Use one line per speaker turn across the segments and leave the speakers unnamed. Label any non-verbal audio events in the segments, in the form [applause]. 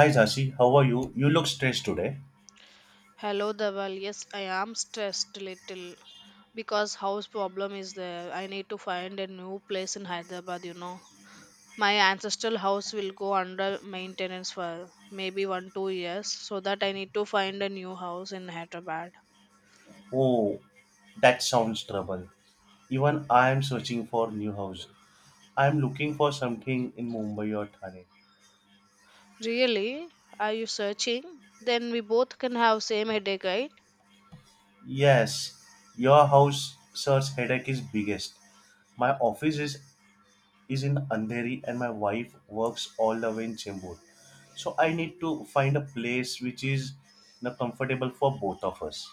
Hi Zasi, how are you? You look stressed today.
Hello, Dhaval. Yes, I am stressed little because house problem is there. I need to find a new place in Hyderabad. My ancestral house will go under maintenance for maybe one, 2 years, so that I need to find a new house in Hyderabad.
Oh, that sounds trouble. Even I am searching for new house. I am looking for something in Mumbai or Thane.
Really? Are you searching? Then we both can have same headache, right?
Yes, your house search headache is biggest. My office is in Andheri and my wife works all the way in Chembur. So I need to find a place which is comfortable for both of us.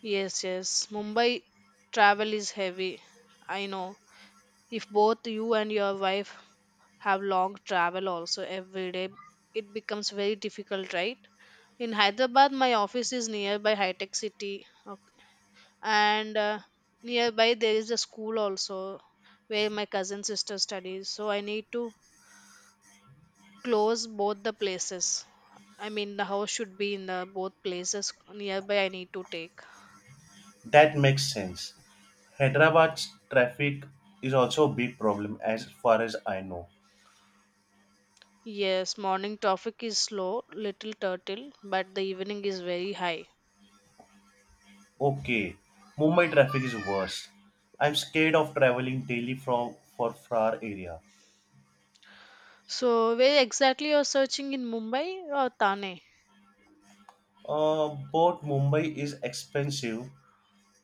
Yes, yes. Mumbai travel is heavy. I know. If both you and your wife have long travel also every day, it becomes very difficult, right? In hyderabad my office is nearby high tech city. Okay. And nearby there is a school also where my cousin sister studies, so I need to close both the places. I mean the house should be in the both places nearby I need to take.
That makes sense. Hyderabad's traffic is also a big problem as far as I know.
Yes, morning traffic is slow, little turtle, but the evening is very high.
Okay, Mumbai traffic is worst. I'm scared of traveling daily from for far area.
So where exactly you're searching in Mumbai or Thane?
Both Mumbai is expensive,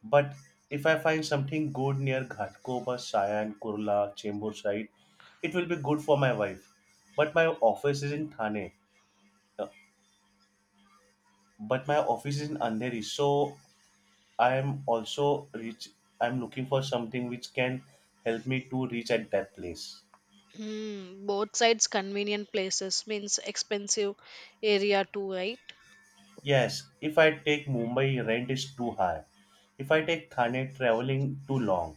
but if I find something good near Ghatkopar, Sayan, Kurla, Chembur side, it will be good for my wife. But my office is in Thane. Uh, But my office is in Andheri, so I am also reach. I'm looking for something which can help me to reach at that place.
Hmm, both sides convenient places means expensive area too, right?
Yes, if I take Mumbai, rent is too high. If I take Thane, traveling too long.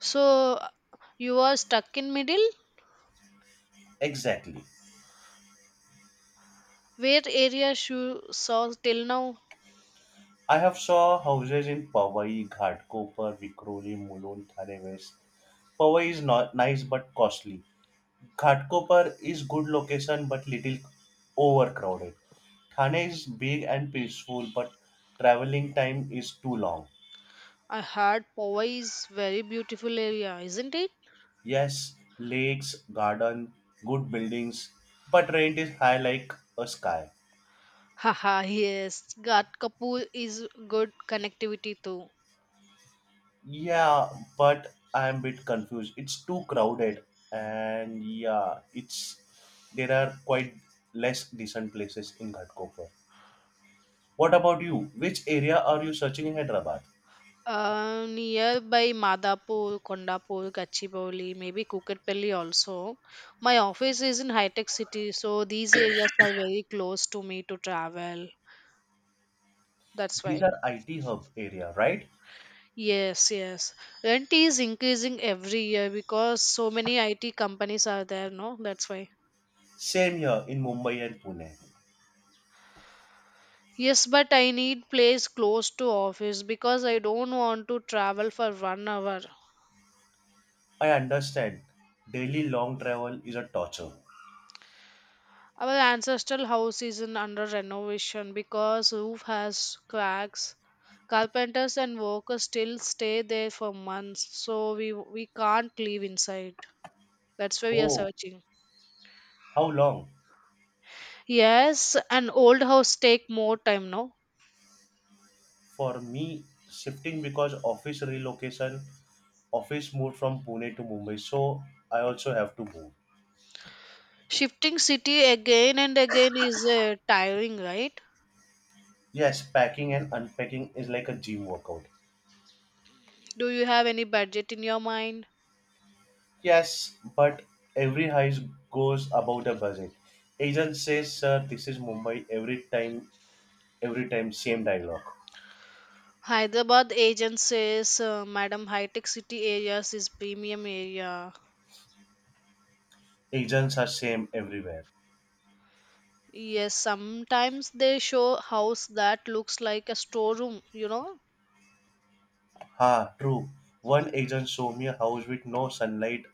So you are stuck in middle.
Exactly.
Where area you saw till now?
I have saw houses in Powai, Ghatkopar, Vikroli, Mulund, Thane West. Powai is not nice but costly. Ghatkopar is good location but little overcrowded. Thane is big and peaceful but traveling time is too long.
I heard Powai is very beautiful area, isn't it?
Yes, lakes, garden, good buildings, but rent is high like a sky.
Haha, [laughs] yes. Ghat Kapur is good connectivity too.
Yeah, but I'm a bit confused. It's too crowded, and yeah, it's there are quite less decent places in Ghatkopar. What about you? Which area are you searching in Hyderabad?
Nearby Madapur, Kondapur, Gachibowli, maybe Kukatpalli also. My office is in high tech city, so these areas are very close to me to travel. That's
These
why.
are IT hub area, right?
Yes, yes. Rent is increasing every year because so many IT companies are there, no? That's why.
Same here in Mumbai and Pune.
Yes, but I need place close to office because I don't want to travel for 1 hour.
I understand. Daily long travel is a torture.
Our ancestral house is in under renovation because roof has cracks. Carpenters and workers still stay there for months, so we can't leave inside. That's why we are
Oh,
searching.
how long?
Yes, an old house take more time, no?
For me, shifting because office relocation, office moved from Pune to Mumbai, so I also have to move.
Shifting city again and again is tiring, right?
Yes, packing and unpacking is like a gym workout.
Do you have any budget in your mind?
Yes, but every heist goes about a budget. Agent says, "Sir, this is Mumbai." Every time, same dialogue.
Hyderabad agent says, Madam, high tech city areas is premium area.
Agents are same everywhere.
Yes, sometimes they show house that looks like a storeroom, you know?
Ha, true. One agent showed me a house with no sunlight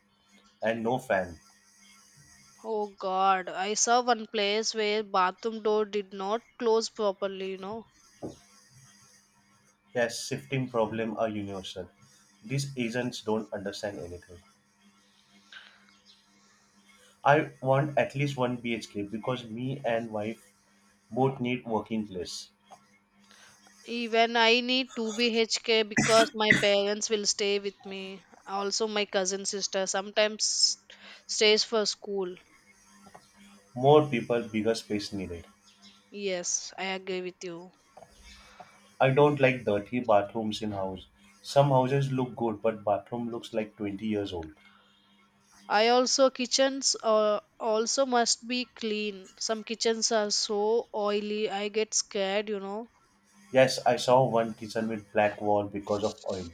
and no fan.
Oh god, I saw one place where bathroom door did not close properly, you know?
Yes, shifting problem are universal. These agents don't understand anything. I want at least one BHK because me and wife both need working place.
Even I need 2BHK because my parents will stay with me. Also, my cousin sister sometimes stays for school.
More people, bigger space needed.
Yes, I agree with you.
I don't like dirty bathrooms in house. Some houses look good, but bathroom looks like 20 years old.
I also kitchens also must be clean. Some kitchens are so oily. I get scared.
Yes, I saw one kitchen with black wall because of oil.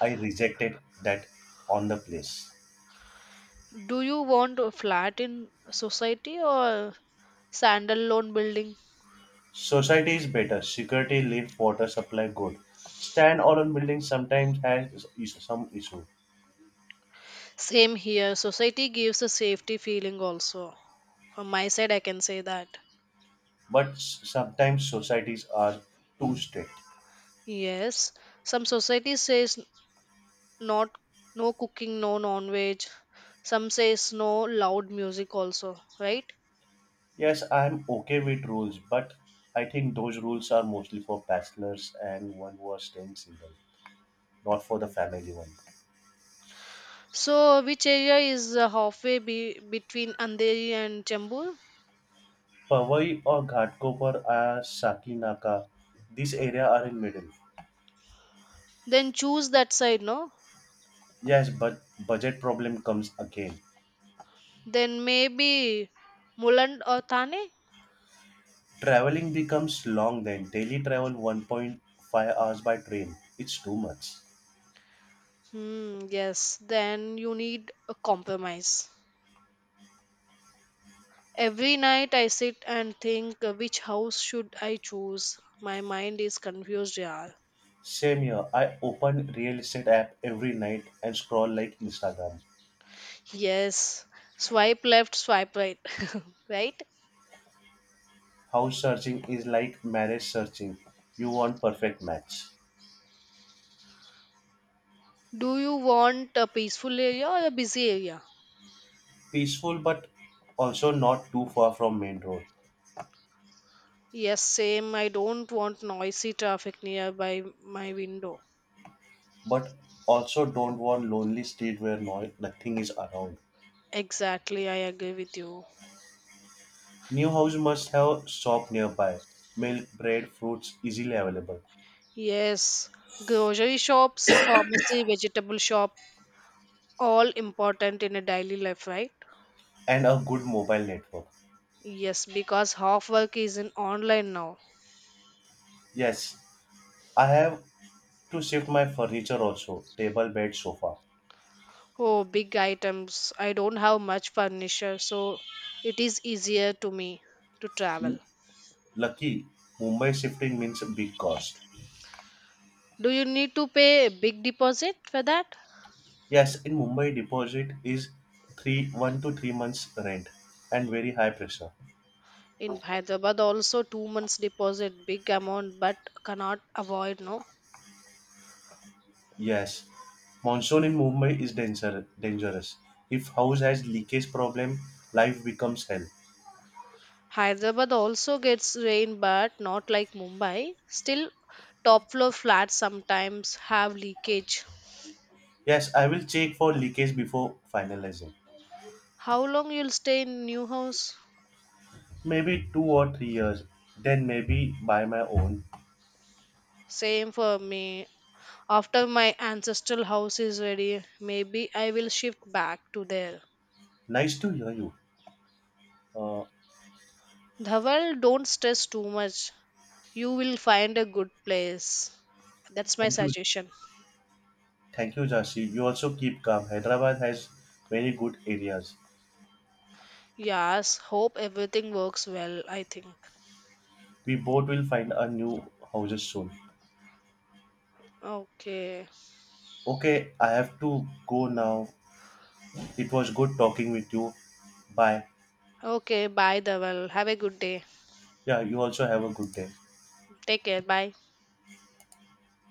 I rejected that on the place.
Do you want a flat in society or standalone building?
Society is better. Security, lift, water supply good. Stand alone buildings sometimes has some issue,
Same here. Society gives a safety feeling also. From my side, I can say that.
but sometimes societies are too strict.
Yes, some society says not no cooking, no non-veg. Some says no loud music also, right?
Yes, I'm okay with rules, but I think those rules are mostly for bachelors and one who are staying single, not for the family one.
So which area is halfway between Andheri and Chembur?
Powai or Ghatkopar are Sakinaka. These area are in middle.
Then choose that side, no?
Yes, but budget problem comes again.
Then maybe Muland or Thane?
Traveling becomes long then. Daily travel 1.5 hours by train. It's too much.
Hmm, yes, then you need a compromise. Every night I sit and think which house should I choose? My mind is confused, yeah.
Same here. I open real estate app every night and scroll like Instagram.
Yes, swipe left, swipe right, [laughs] right?
House searching is like marriage searching. You want perfect match.
Do you want a peaceful area or a busy area?
Peaceful but also not too far from main road.
Yes, same. I don't want noisy traffic nearby my window.
But also don't want lonely street where nothing is around.
Exactly, I agree with you.
New house must have shop nearby, milk, bread, fruits easily available,
Yes, grocery shops, pharmacy, vegetable shop, all important in a daily life, right?
and a good mobile network.
Yes, because half work is in online now.
Yes, I have to shift my furniture also, table, bed, sofa.
Oh, big items. I don't have much furniture, so it is easier to me to travel.
Lucky, Mumbai shifting means a big cost.
Do you need to pay a big deposit for that?
Yes, in Mumbai, deposit is 3 1 to 3 months rent and very high pressure.
In Hyderabad, also 2 months deposit, big amount, but cannot avoid. No,
Yes, monsoon in Mumbai is danger, dangerous. If house has leakage problem, life becomes hell.
Hyderabad also gets rain, but not like Mumbai. Still, top floor flats sometimes have leakage.
Yes, I will check for leakage before finalizing.
How long you'll stay in new house?
Maybe 2 or 3 years, then maybe buy my own.
Same for me. After my ancestral house is ready, maybe I will shift back to there.
Nice to hear you. Uh,
Dhawal, don't stress too much. You will find a good place. That's my
thank you,
suggestion.
Thank you, Jasi. You also keep calm. Hyderabad has very good areas.
Yes, hope everything works well, I think.
We both will find a new houses soon.
Okay.
Okay, I have to go now. It was good talking with you. Bye.
Okay, bye, Dhaval. Have a good day.
Yeah, you also have a good day.
Take care. Bye.